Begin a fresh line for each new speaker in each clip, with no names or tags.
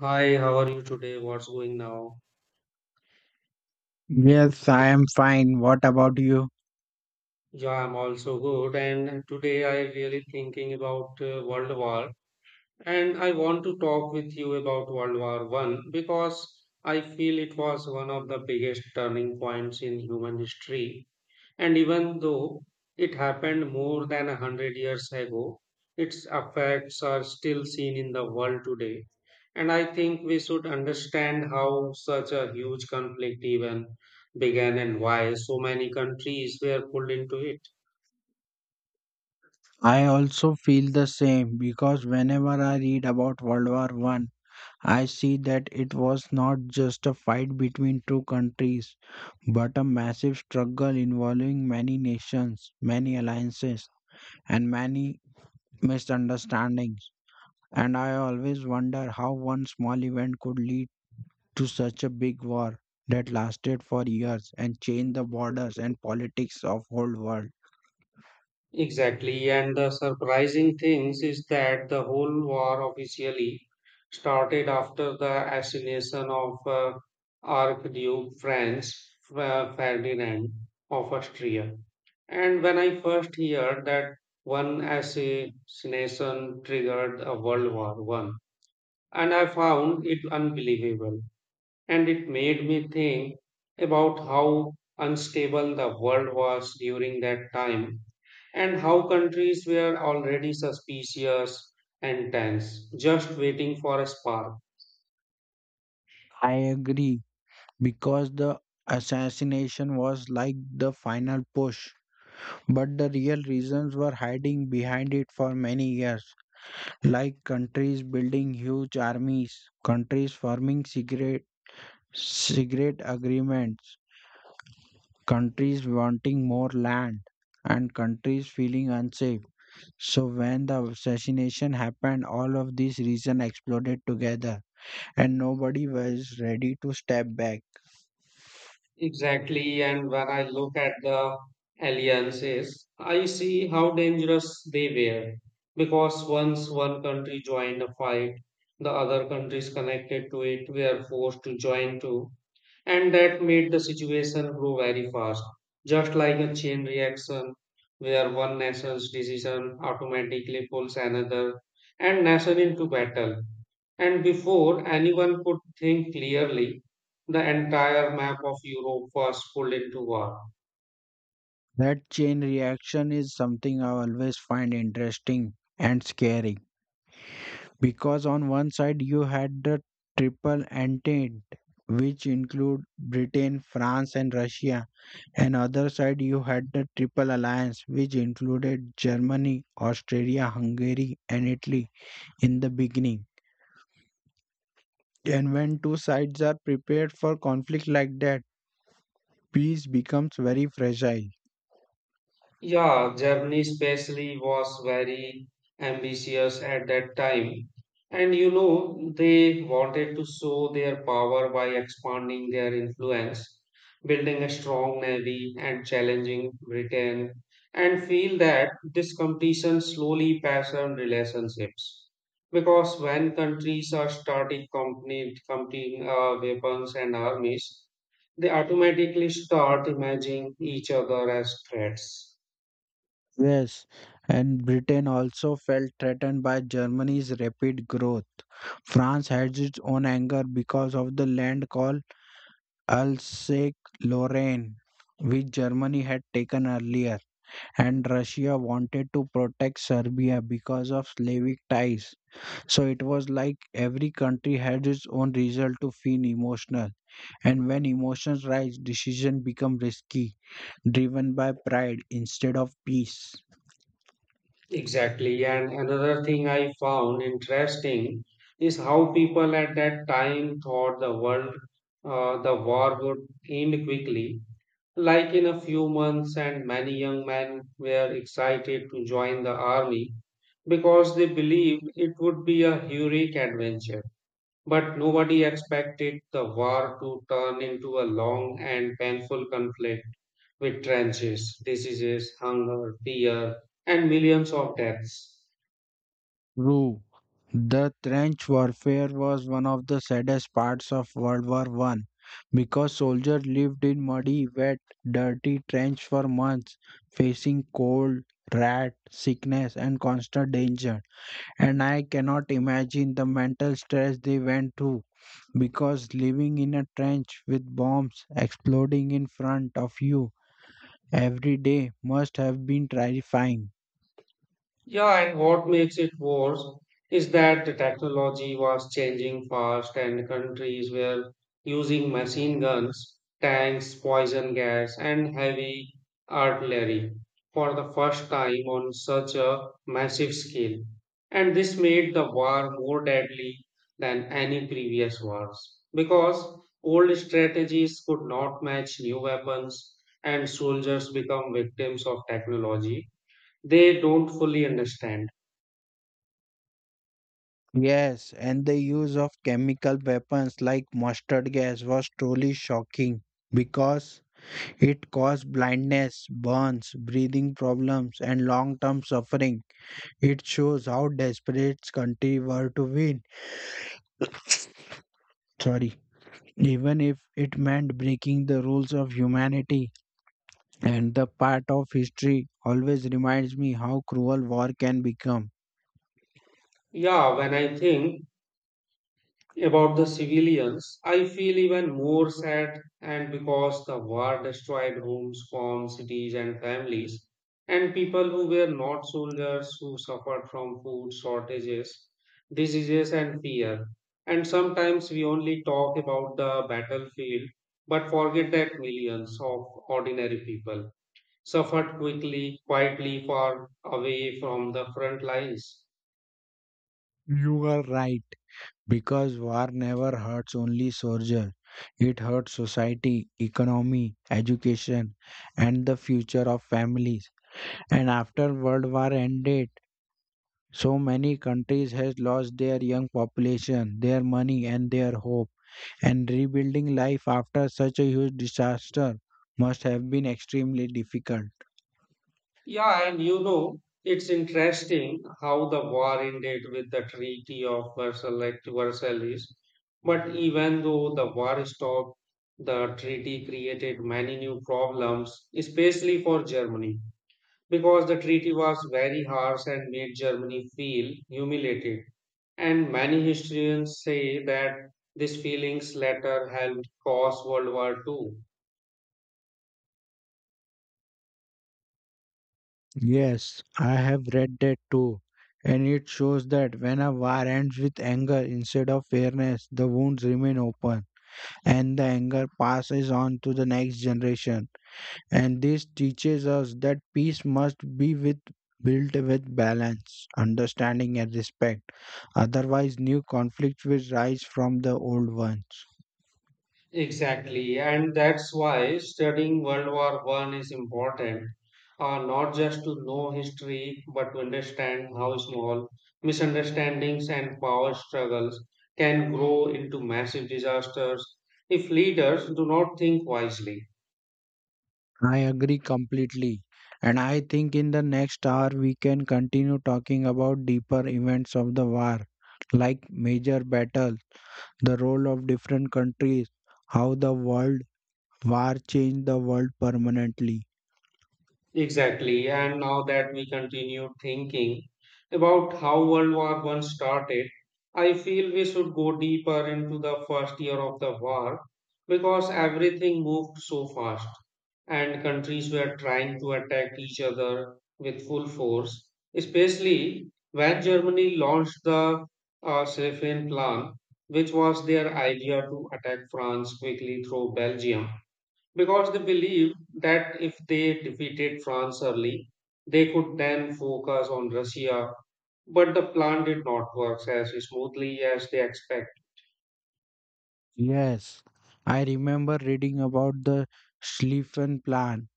Hi, how are you today? What's going now?
Yes, I am fine. What about you?
Yeah, I'm also good. And today I really thinking about World War, and I want to talk with you about World War One because I feel it was one of the biggest turning points in human history. And even though it happened more than a hundred years ago, its effects are still seen in the world today. And I think we should understand how such a huge conflict even began and why so many countries were pulled into it.
I also feel the same because whenever I read about World War One, I see that it was not just a fight between two countries, but a massive struggle involving many nations, many alliances, and many misunderstandings. And I always wonder how one small event could lead to such a big war that lasted for years and changed the borders and politics of whole world.
Exactly, and the surprising thing is that the whole war officially started after the assassination of Archduke Franz Ferdinand of Austria. And when I first heard that one assassination triggered a World War One, and I found it unbelievable and it made me think about how unstable the world was during that time and how countries were already suspicious and tense, just waiting for a spark.
I agree because the assassination was like the final push. But the real reasons were hiding behind it for many years, like countries building huge armies, countries forming secret agreements, countries wanting more land, and countries feeling unsafe. So, when the assassination happened, all of these reasons exploded together, and nobody was ready to step back.
Exactly, and when I look at the alliances, I see how dangerous they were because once one country joined a fight, the other countries connected to it were forced to join too and that made the situation grow very fast, just like a chain reaction where one nation's decision automatically pulls another and nation into battle. And before anyone could think clearly, the entire map of Europe was pulled into war.
That chain reaction is something I always find interesting and scary because on one side you had the triple entente which include Britain, France and Russia and other side you had the triple alliance which included Germany, Austria, Hungary and Italy in the beginning. And when two sides are prepared for conflict like that, peace becomes very fragile.
Yeah, Germany especially was very ambitious at that time. And you know, they wanted to show their power by expanding their influence, building a strong navy, and challenging Britain, and feel that this competition slowly patterned relationships. Because when countries are starting company, competing weapons and armies, they automatically start imagining each other as threats.
Yes, and Britain also felt threatened by Germany's rapid growth. France had its own anger because of the land called Alsace-Lorraine, which Germany had taken earlier, and Russia wanted to protect Serbia because of Slavic ties. So it was like every country had its own reason to feel emotional, and when emotions rise, decisions become risky, driven by pride instead of peace.
Exactly. And another thing I found interesting is how people at that time thought the war would end quickly, like in a few months, and many young men were excited to join the army because they believed it would be a heroic adventure. But nobody expected the war to turn into a long and painful conflict with trenches, diseases, hunger, fear, and millions of deaths.
True. The trench warfare was one of the saddest parts of World War One because soldiers lived in muddy, wet, dirty trench for months, facing cold, rat, sickness, and constant danger. And I cannot imagine the mental stress they went through because living in a trench with bombs exploding in front of you every day must have been terrifying.
Yeah, and what makes it worse is that the technology was changing fast, and countries were using machine guns, tanks, poison gas, and heavy artillery for the first time on such a massive scale. And this made the war more deadly than any previous wars because old strategies could not match new weapons, and soldiers become victims of technology they don't fully understand.
Yes, and the use of chemical weapons like mustard gas was truly shocking because it caused blindness, burns, breathing problems, and long term suffering. It shows how desperate countries were to win. Sorry. Even if it meant breaking the rules of humanity, and the part of history always reminds me how cruel war can become.
Yeah, when I think about the civilians, I feel even more sad and because the war destroyed homes, farms, cities, and families, and people who were not soldiers who suffered from food shortages, diseases, and fear. And sometimes we only talk about the battlefield but forget that millions of ordinary people suffered quickly, quietly, far away from the front lines.
You are right. Because war never hurts only soldiers, it hurts society, economy, education, and the future of families. And after World War ended, so many countries has lost their young population, their money, and their hope. And rebuilding life after such a huge disaster must have been extremely difficult.
Yeah, and you know, it's interesting how the war ended with the Treaty of Versailles, like, Versailles. But even though the war stopped, the treaty created many new problems, especially for Germany, because the treaty was very harsh and made Germany feel humiliated. And many historians say that these feelings later helped cause World War Two.
Yes, I have read that too. And it shows that when a war ends with anger instead of fairness, the wounds remain open, and the anger passes on to the next generation. And this teaches us that peace must be with built with balance, understanding and respect. Otherwise new conflicts will rise from the old ones.
Exactly, and that's why studying World War One is important, not just to know history, but to understand how small misunderstandings and power struggles can grow into massive disasters if leaders do not think wisely.
I agree completely. And I think in the next hour we can continue talking about deeper events of the war, like major battles, the role of different countries, how the world war changed the world permanently.
Exactly, and now that we continue thinking about how World War One started, I feel we should go deeper into the first year of the war because everything moved so fast, and countries were trying to attack each other with full force, especially when Germany launched the Seyfried Plan, which was their idea to attack France quickly through Belgium, because they believed that if they defeated France early, they could then focus on Russia. But the plan did not work as smoothly as they expected.
Yes, I remember reading about the Schlieffen plan,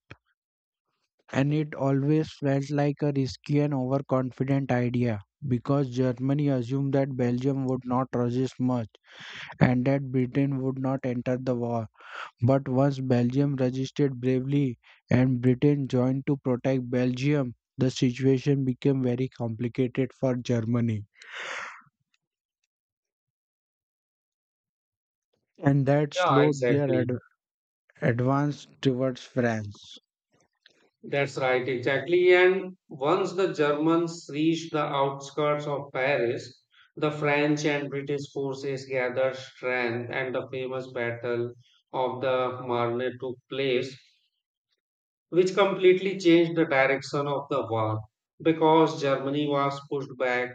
and it always felt like a risky and overconfident idea because Germany assumed that Belgium would not resist much and that Britain would not enter the war. But once Belgium resisted bravely and Britain joined to protect Belgium, the situation became very complicated for Germany, and that
Yeah,
slowed their
exactly.
advance towards France.
That's right, exactly. And once the Germans reached the outskirts of Paris, the French and British forces gathered strength, and the famous Battle of the Marne took place, which completely changed the direction of the war because Germany was pushed back,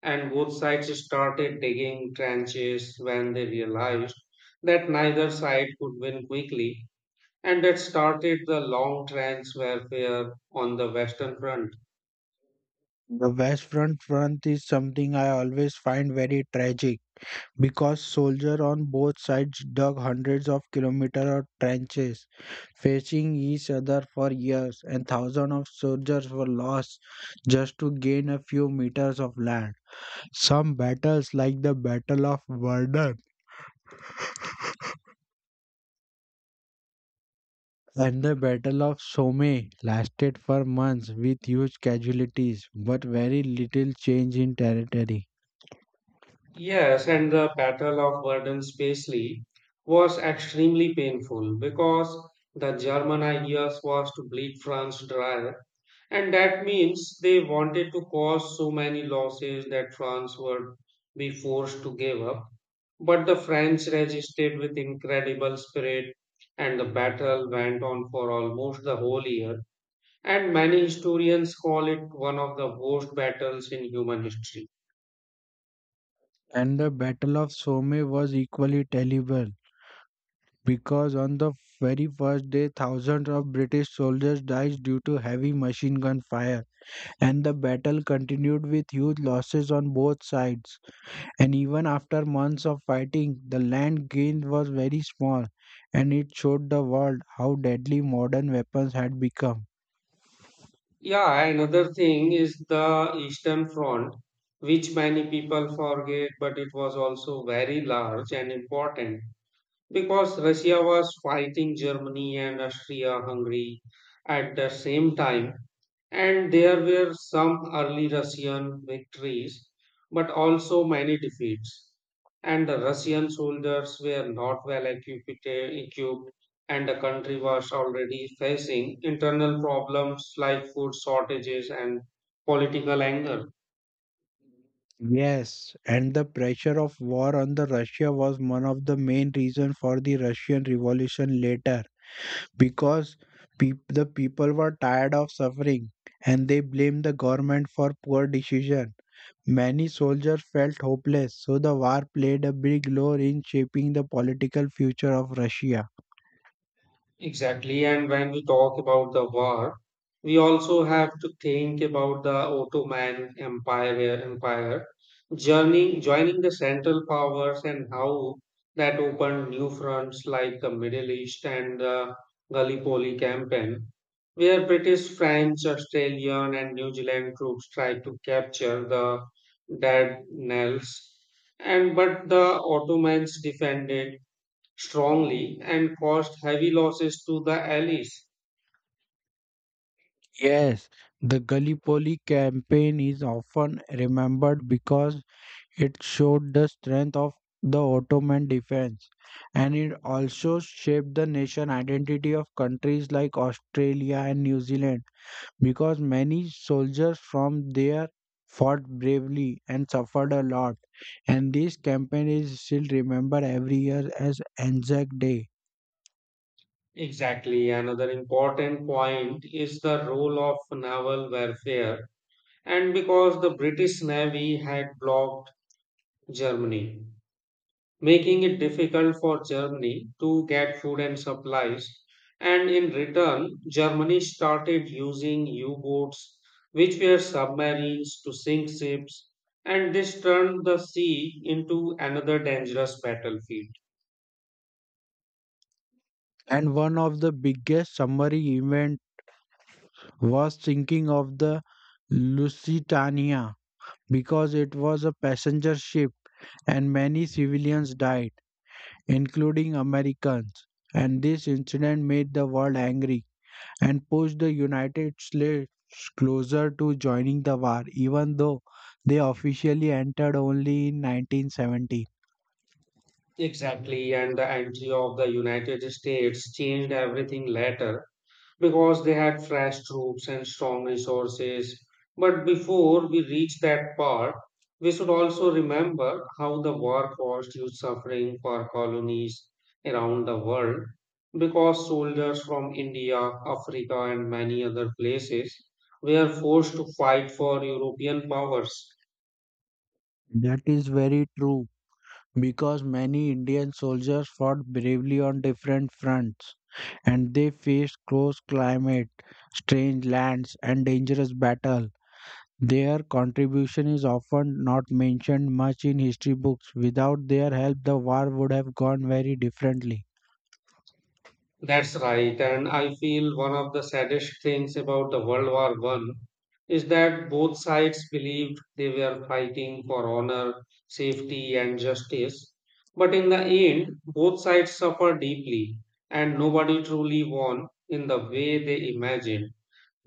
and both sides started digging trenches when they realized that neither side could win quickly. And that started the long trench warfare on the Western Front.
The West Front is something I always find very tragic because soldiers on both sides dug hundreds of kilometers of trenches, facing each other for years, and thousands of soldiers were lost just to gain a few meters of land. Some battles, like the Battle of Verdun and the Battle of Somme, lasted for months with huge casualties but very little change in territory.
Yes, and the Battle of Verdun-Spessy was extremely painful because the German ideas was to bleed France dry, and that means they wanted to cause so many losses that France would be forced to give up. But the French resisted with incredible spirit, and the battle went on for almost the whole year. And many historians call it one of the worst battles in human history.
And the Battle of Somme was equally terrible because on the very first day, thousands of British soldiers died due to heavy machine gun fire, and the battle continued with huge losses on both sides. And even after months of fighting, the land gained was very small, and it showed the world how deadly modern weapons had become.
Yeah, another thing is the Eastern Front, which many people forget, but it was also very large and important, because Russia was fighting Germany and Austria-Hungary at the same time, and there were some early Russian victories, but also many defeats. And the Russian soldiers were not well equipped, and the country was already facing internal problems like food shortages and political anger.
Yes, and the pressure of war on the Russia was one of the main reasons for the Russian Revolution later because the people were tired of suffering and they blamed the government for poor decision. Many soldiers felt hopeless, so the war played a big role in shaping the political future of Russia.
Exactly. And when we talk about the war, we also have to think about the Ottoman Empire joining the Central Powers and how that opened new fronts like the Middle East and the Gallipoli campaign, where British, French, Australian, and New Zealand troops tried to capture the Dardanelles. And but the Ottomans defended strongly and caused heavy losses to the allies.
Yes, the Gallipoli campaign is often remembered because it showed the strength of the Ottoman defense and it also shaped the nation identity of countries like Australia and New Zealand, because many soldiers from there fought bravely and suffered a lot. And this campaign is still remembered every year as Anzac Day.
Exactly, another important point is the role of naval warfare, and because the British Navy had blocked Germany, making it difficult for Germany to get food and supplies. And in return, Germany started using U boats, which were submarines, to sink ships, and this turned the sea into another dangerous battlefield.
And one of the biggest summary event was sinking of the Lusitania because it was a passenger ship and many civilians died, including Americans. And this incident made the world angry and pushed the United States closer to joining the war, even though they officially entered only in 1970.
Exactly, and the entry of the United States changed everything later because they had fresh troops and strong resources. But before we reach that part, we should also remember how the war caused huge suffering for colonies around the world because soldiers from India, Africa, and many other places were forced to fight for European powers.
That is very true because many Indian soldiers fought bravely on different fronts and they faced close climate, strange lands, and dangerous battle. Their contribution is often not mentioned much in history books. Without their help, the war would have gone very differently.
That's right, and I feel one of the saddest things about the World War One is that both sides believed they were fighting for honor, safety, and justice. But in the end, both sides suffered deeply, and nobody truly won in the way they imagined,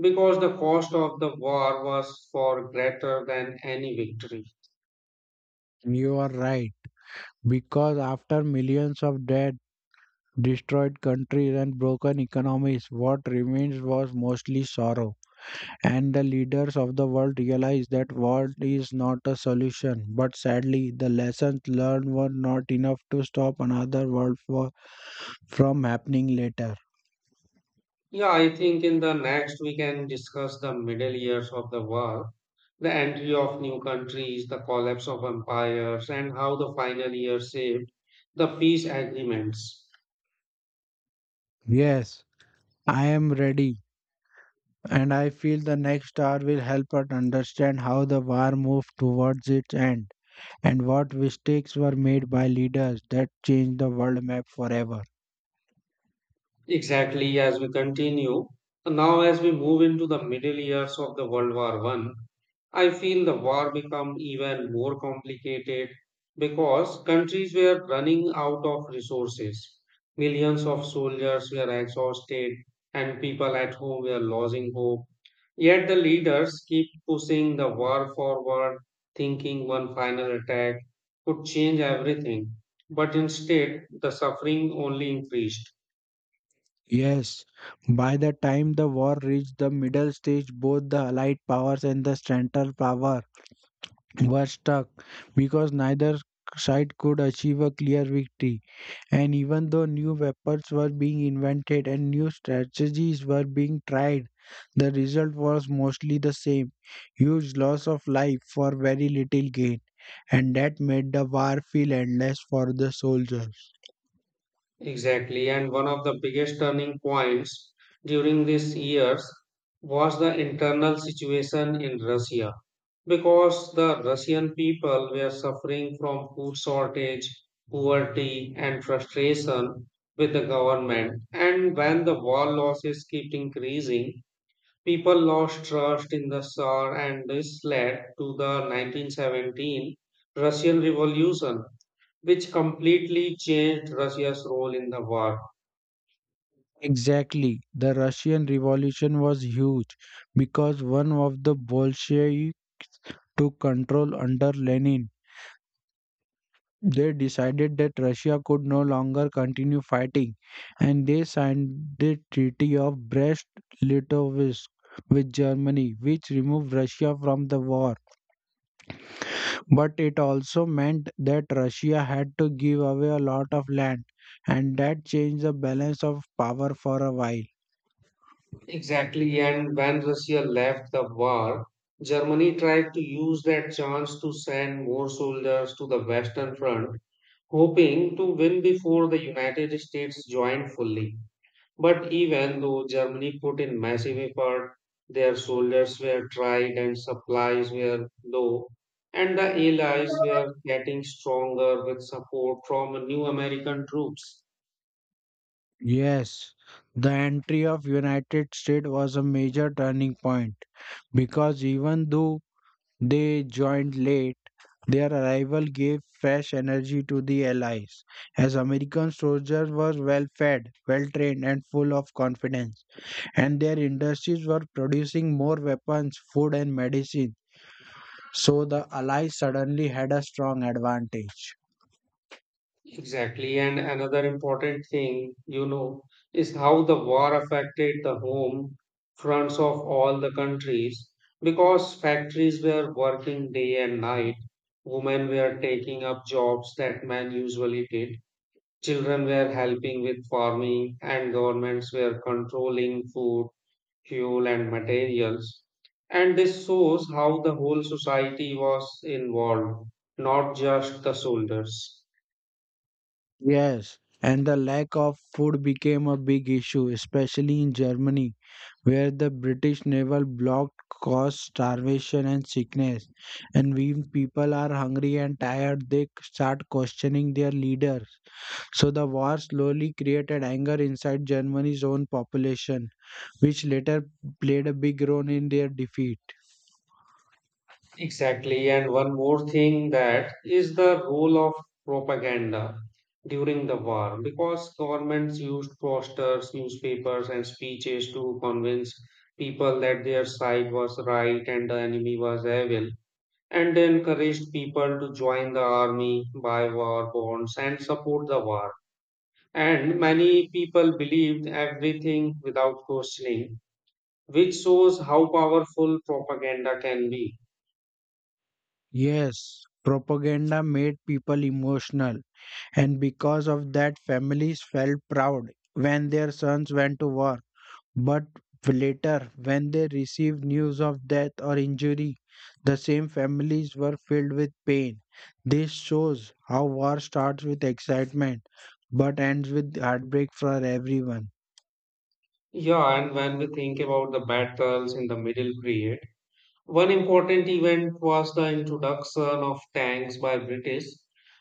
because the cost of the war was far greater than any victory.
You are right. Because after millions of dead, destroyed countries, and broken economies, what remains was mostly sorrow. And the leaders of the world realized that war is not a solution. But sadly, the lessons learned were not enough to stop another world war from happening later.
Yeah, I think in the next we can discuss the middle years of the war, the entry of new countries, the collapse of empires, and how the final year saved the peace agreements.
Yes, I am ready, and I feel the next hour will help us understand how the war moved towards its end, and what mistakes were made by leaders that changed the world map forever.
Exactly, as we continue. Now, as we move into the middle years of the World War One, I feel the war become even more complicated because countries were running out of resources. Millions of soldiers were exhausted and people at home were losing hope. Yet the leaders keep pushing the war forward, thinking one final attack could change everything. But instead, the suffering only increased.
Yes, by the time the war reached the middle stage, both the Allied powers and the Central Power were stuck because neither side could achieve a clear victory. And even though new weapons were being invented and new strategies were being tried, the result was mostly the same huge loss of life for very little gain. And that made the war feel endless for the soldiers.
Exactly, and one of the biggest turning points during these years was the internal situation in Russia because the Russian people were suffering from food shortage, poverty, and frustration with the government. And when the war losses kept increasing, people lost trust in the Tsar, and this led to the 1917 Russian Revolution, which completely changed Russia's role in the war.
Exactly. The Russian Revolution was huge because one of the Bolshevik took control under Lenin. They decided that Russia could no longer continue fighting, and they signed the Treaty of Brest-Litovsk with Germany, which removed Russia from the war. But it also meant that Russia had to give away a lot of land, and that changed the balance of power for a while.
Exactly, and when Russia left the war, Germany tried to use that chance to send more soldiers to the Western Front, hoping to win before the United States joined fully. But even though Germany put in massive effort, their soldiers were tried and supplies were low, and the Allies were getting stronger with support from new American troops.
Yes, the entry of United States was a major turning point because even though they joined late, their arrival gave fresh energy to the Allies, as American soldiers were well fed, well trained, and full of confidence, and their industries were producing more weapons, food, and medicine. So the Allies suddenly had a strong advantage.
Exactly, and another important thing, you know, is how the war affected the home fronts of all the countries because factories were working day and night, women were taking up jobs that men usually did. Children were helping with farming, and governments were controlling food, fuel, and materials. And this shows how the whole society was involved, not just the soldiers.
Yes, and the lack of food became a big issue, especially in Germany, where the British naval block caused starvation and sickness. And when people are hungry and tired, they start questioning their leaders. So the war slowly created anger inside Germany's own population, which later played a big role in their defeat.
Exactly. And one more thing that is the role of propaganda during the war, because governments used posters, newspapers, and speeches to convince people that their side was right and the enemy was evil and they encouraged people to join the army, buy war bonds, and support the war. And many people believed everything without questioning, which shows how powerful propaganda can be.
Yes, propaganda made people emotional, and because of that, families felt proud when their sons went to war. But later, when they received news of death or injury, the same families were filled with pain. This shows how war starts with excitement but ends with heartbreak for everyone.
Yeah, and when we think about the battles in the Middle Period, one important event was the introduction of tanks by British,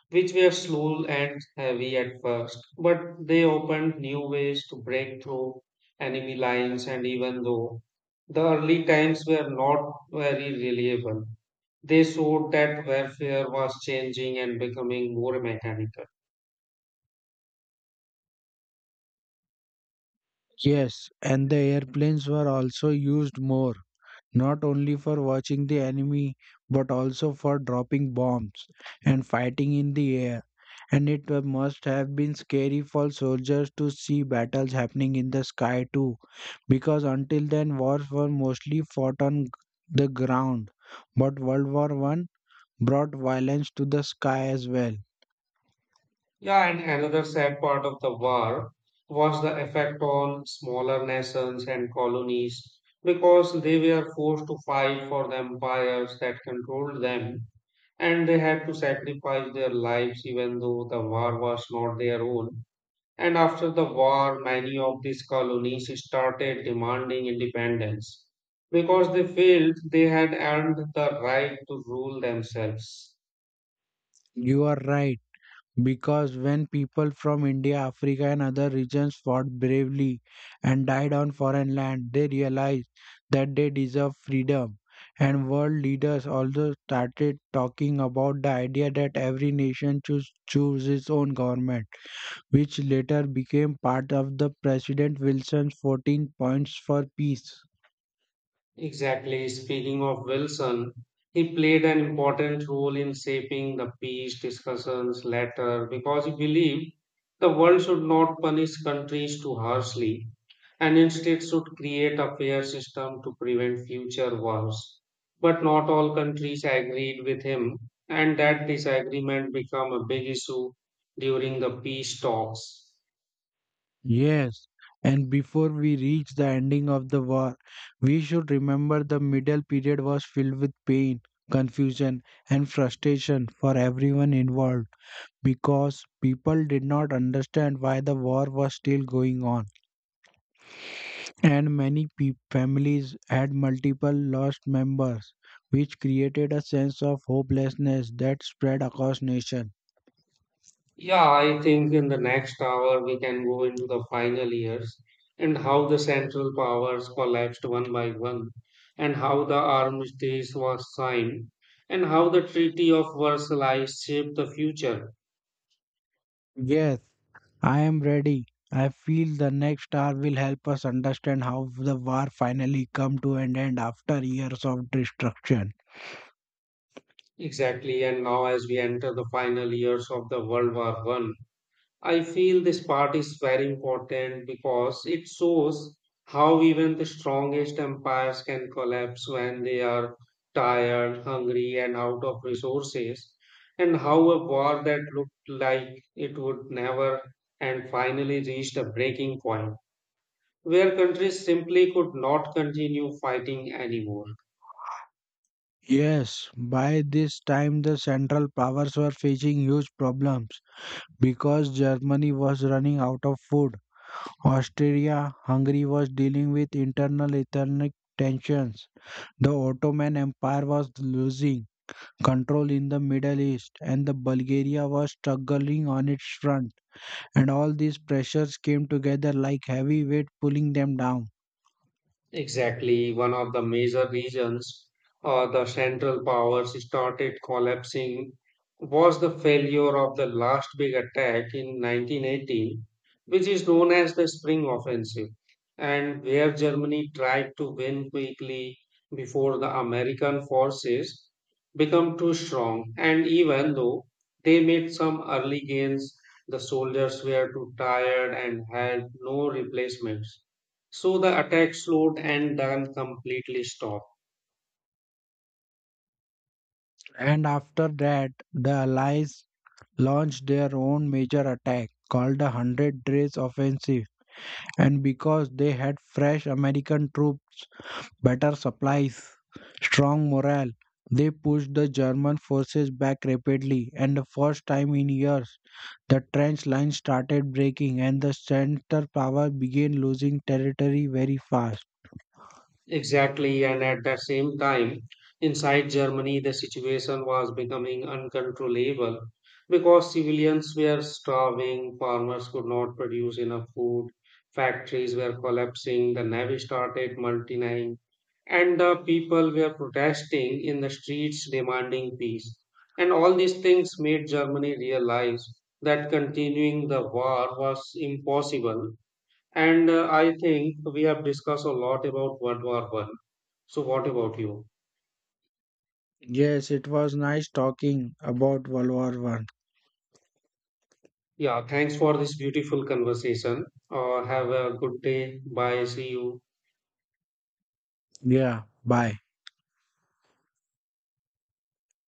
which were slow and heavy at first, but they opened new ways to break through enemy lines and even though the early times were not very reliable, they showed that warfare was changing and becoming more mechanical.
Yes, and the airplanes were also used more, not only for watching the enemy but also for dropping bombs and fighting in the air. And it must have been scary for soldiers to see battles happening in the sky too, because until then wars were mostly fought on the ground. But World War One brought violence to the sky as well.
Yeah, and another sad part of the war was the effect on smaller nations and colonies because they were forced to fight for the empires that controlled them and they had to sacrifice their lives even though the war was not their own. And after the war, many of these colonies started demanding independence because they felt they had earned the right to rule themselves.
You are right. Because when people from India, Africa, and other regions fought bravely and died on foreign land, they realized that they deserve freedom. And world leaders also started talking about the idea that every nation should choose its own government, which later became part of the President Wilson's 14 points for peace.
Exactly. Speaking of Wilson, he played an important role in shaping the peace discussions later because he believed the world should not punish countries too harshly and instead should create a fair system to prevent future wars. But not all countries agreed with him, and that disagreement became a big issue during the peace talks.
Yes, and before we reach the ending of the war, we should remember the middle period was filled with pain, confusion, and frustration for everyone involved because people did not understand why the war was still going on. And many families had multiple lost members, which created a sense of hopelessness that spread across nation.
Yeah, I think in the next hour we can go into the final years and how the central powers collapsed one by one, and how the armistice was signed, and how the Treaty of Versailles shaped the future.
Yes, I am ready. I feel the next hour will help us understand how the war finally come to an end after years of destruction.
Exactly, and now as we enter the final years of the World War One. I feel this part is very important because it shows how even the strongest empires can collapse when they are tired, hungry, and out of resources, and how a war that looked like it would never and finally reached a breaking point where countries simply could not continue fighting anymore.
Yes, by this time the Central Powers were facing huge problems because Germany was running out of food. Austria Hungary was dealing with internal ethnic tensions. The Ottoman Empire was losing control in the Middle East and the Bulgaria was struggling on its front, and all these pressures came together like heavy weight pulling them down.
Exactly, one of the major reasons the Central Powers started collapsing was the failure of the last big attack in 1918, which is known as the Spring Offensive, and where Germany tried to win quickly before the American forces become too strong. And even though they made some early gains, the soldiers were too tired and had no replacements. So the attack slowed and then completely stopped.
And after that, the Allies launched their own major attack called the Hundred Days Offensive. And because they had fresh American troops, better supplies, strong morale, they pushed the German forces back rapidly, and the first time in years, the trench lines started breaking and the center power began losing territory very fast.
Exactly, and at the same time, inside Germany, the situation was becoming uncontrollable because civilians were starving, farmers could not produce enough food, factories were collapsing, the navy started multiplying, and the people were protesting in the streets demanding peace. And all these things made Germany realize that continuing the war was impossible. And I think we have discussed a lot about World War One. So, what about you?
Yes, it was nice talking about World War One.
Yeah, thanks for this beautiful conversation. Have a good day. Bye. See you.
Yeah, bye.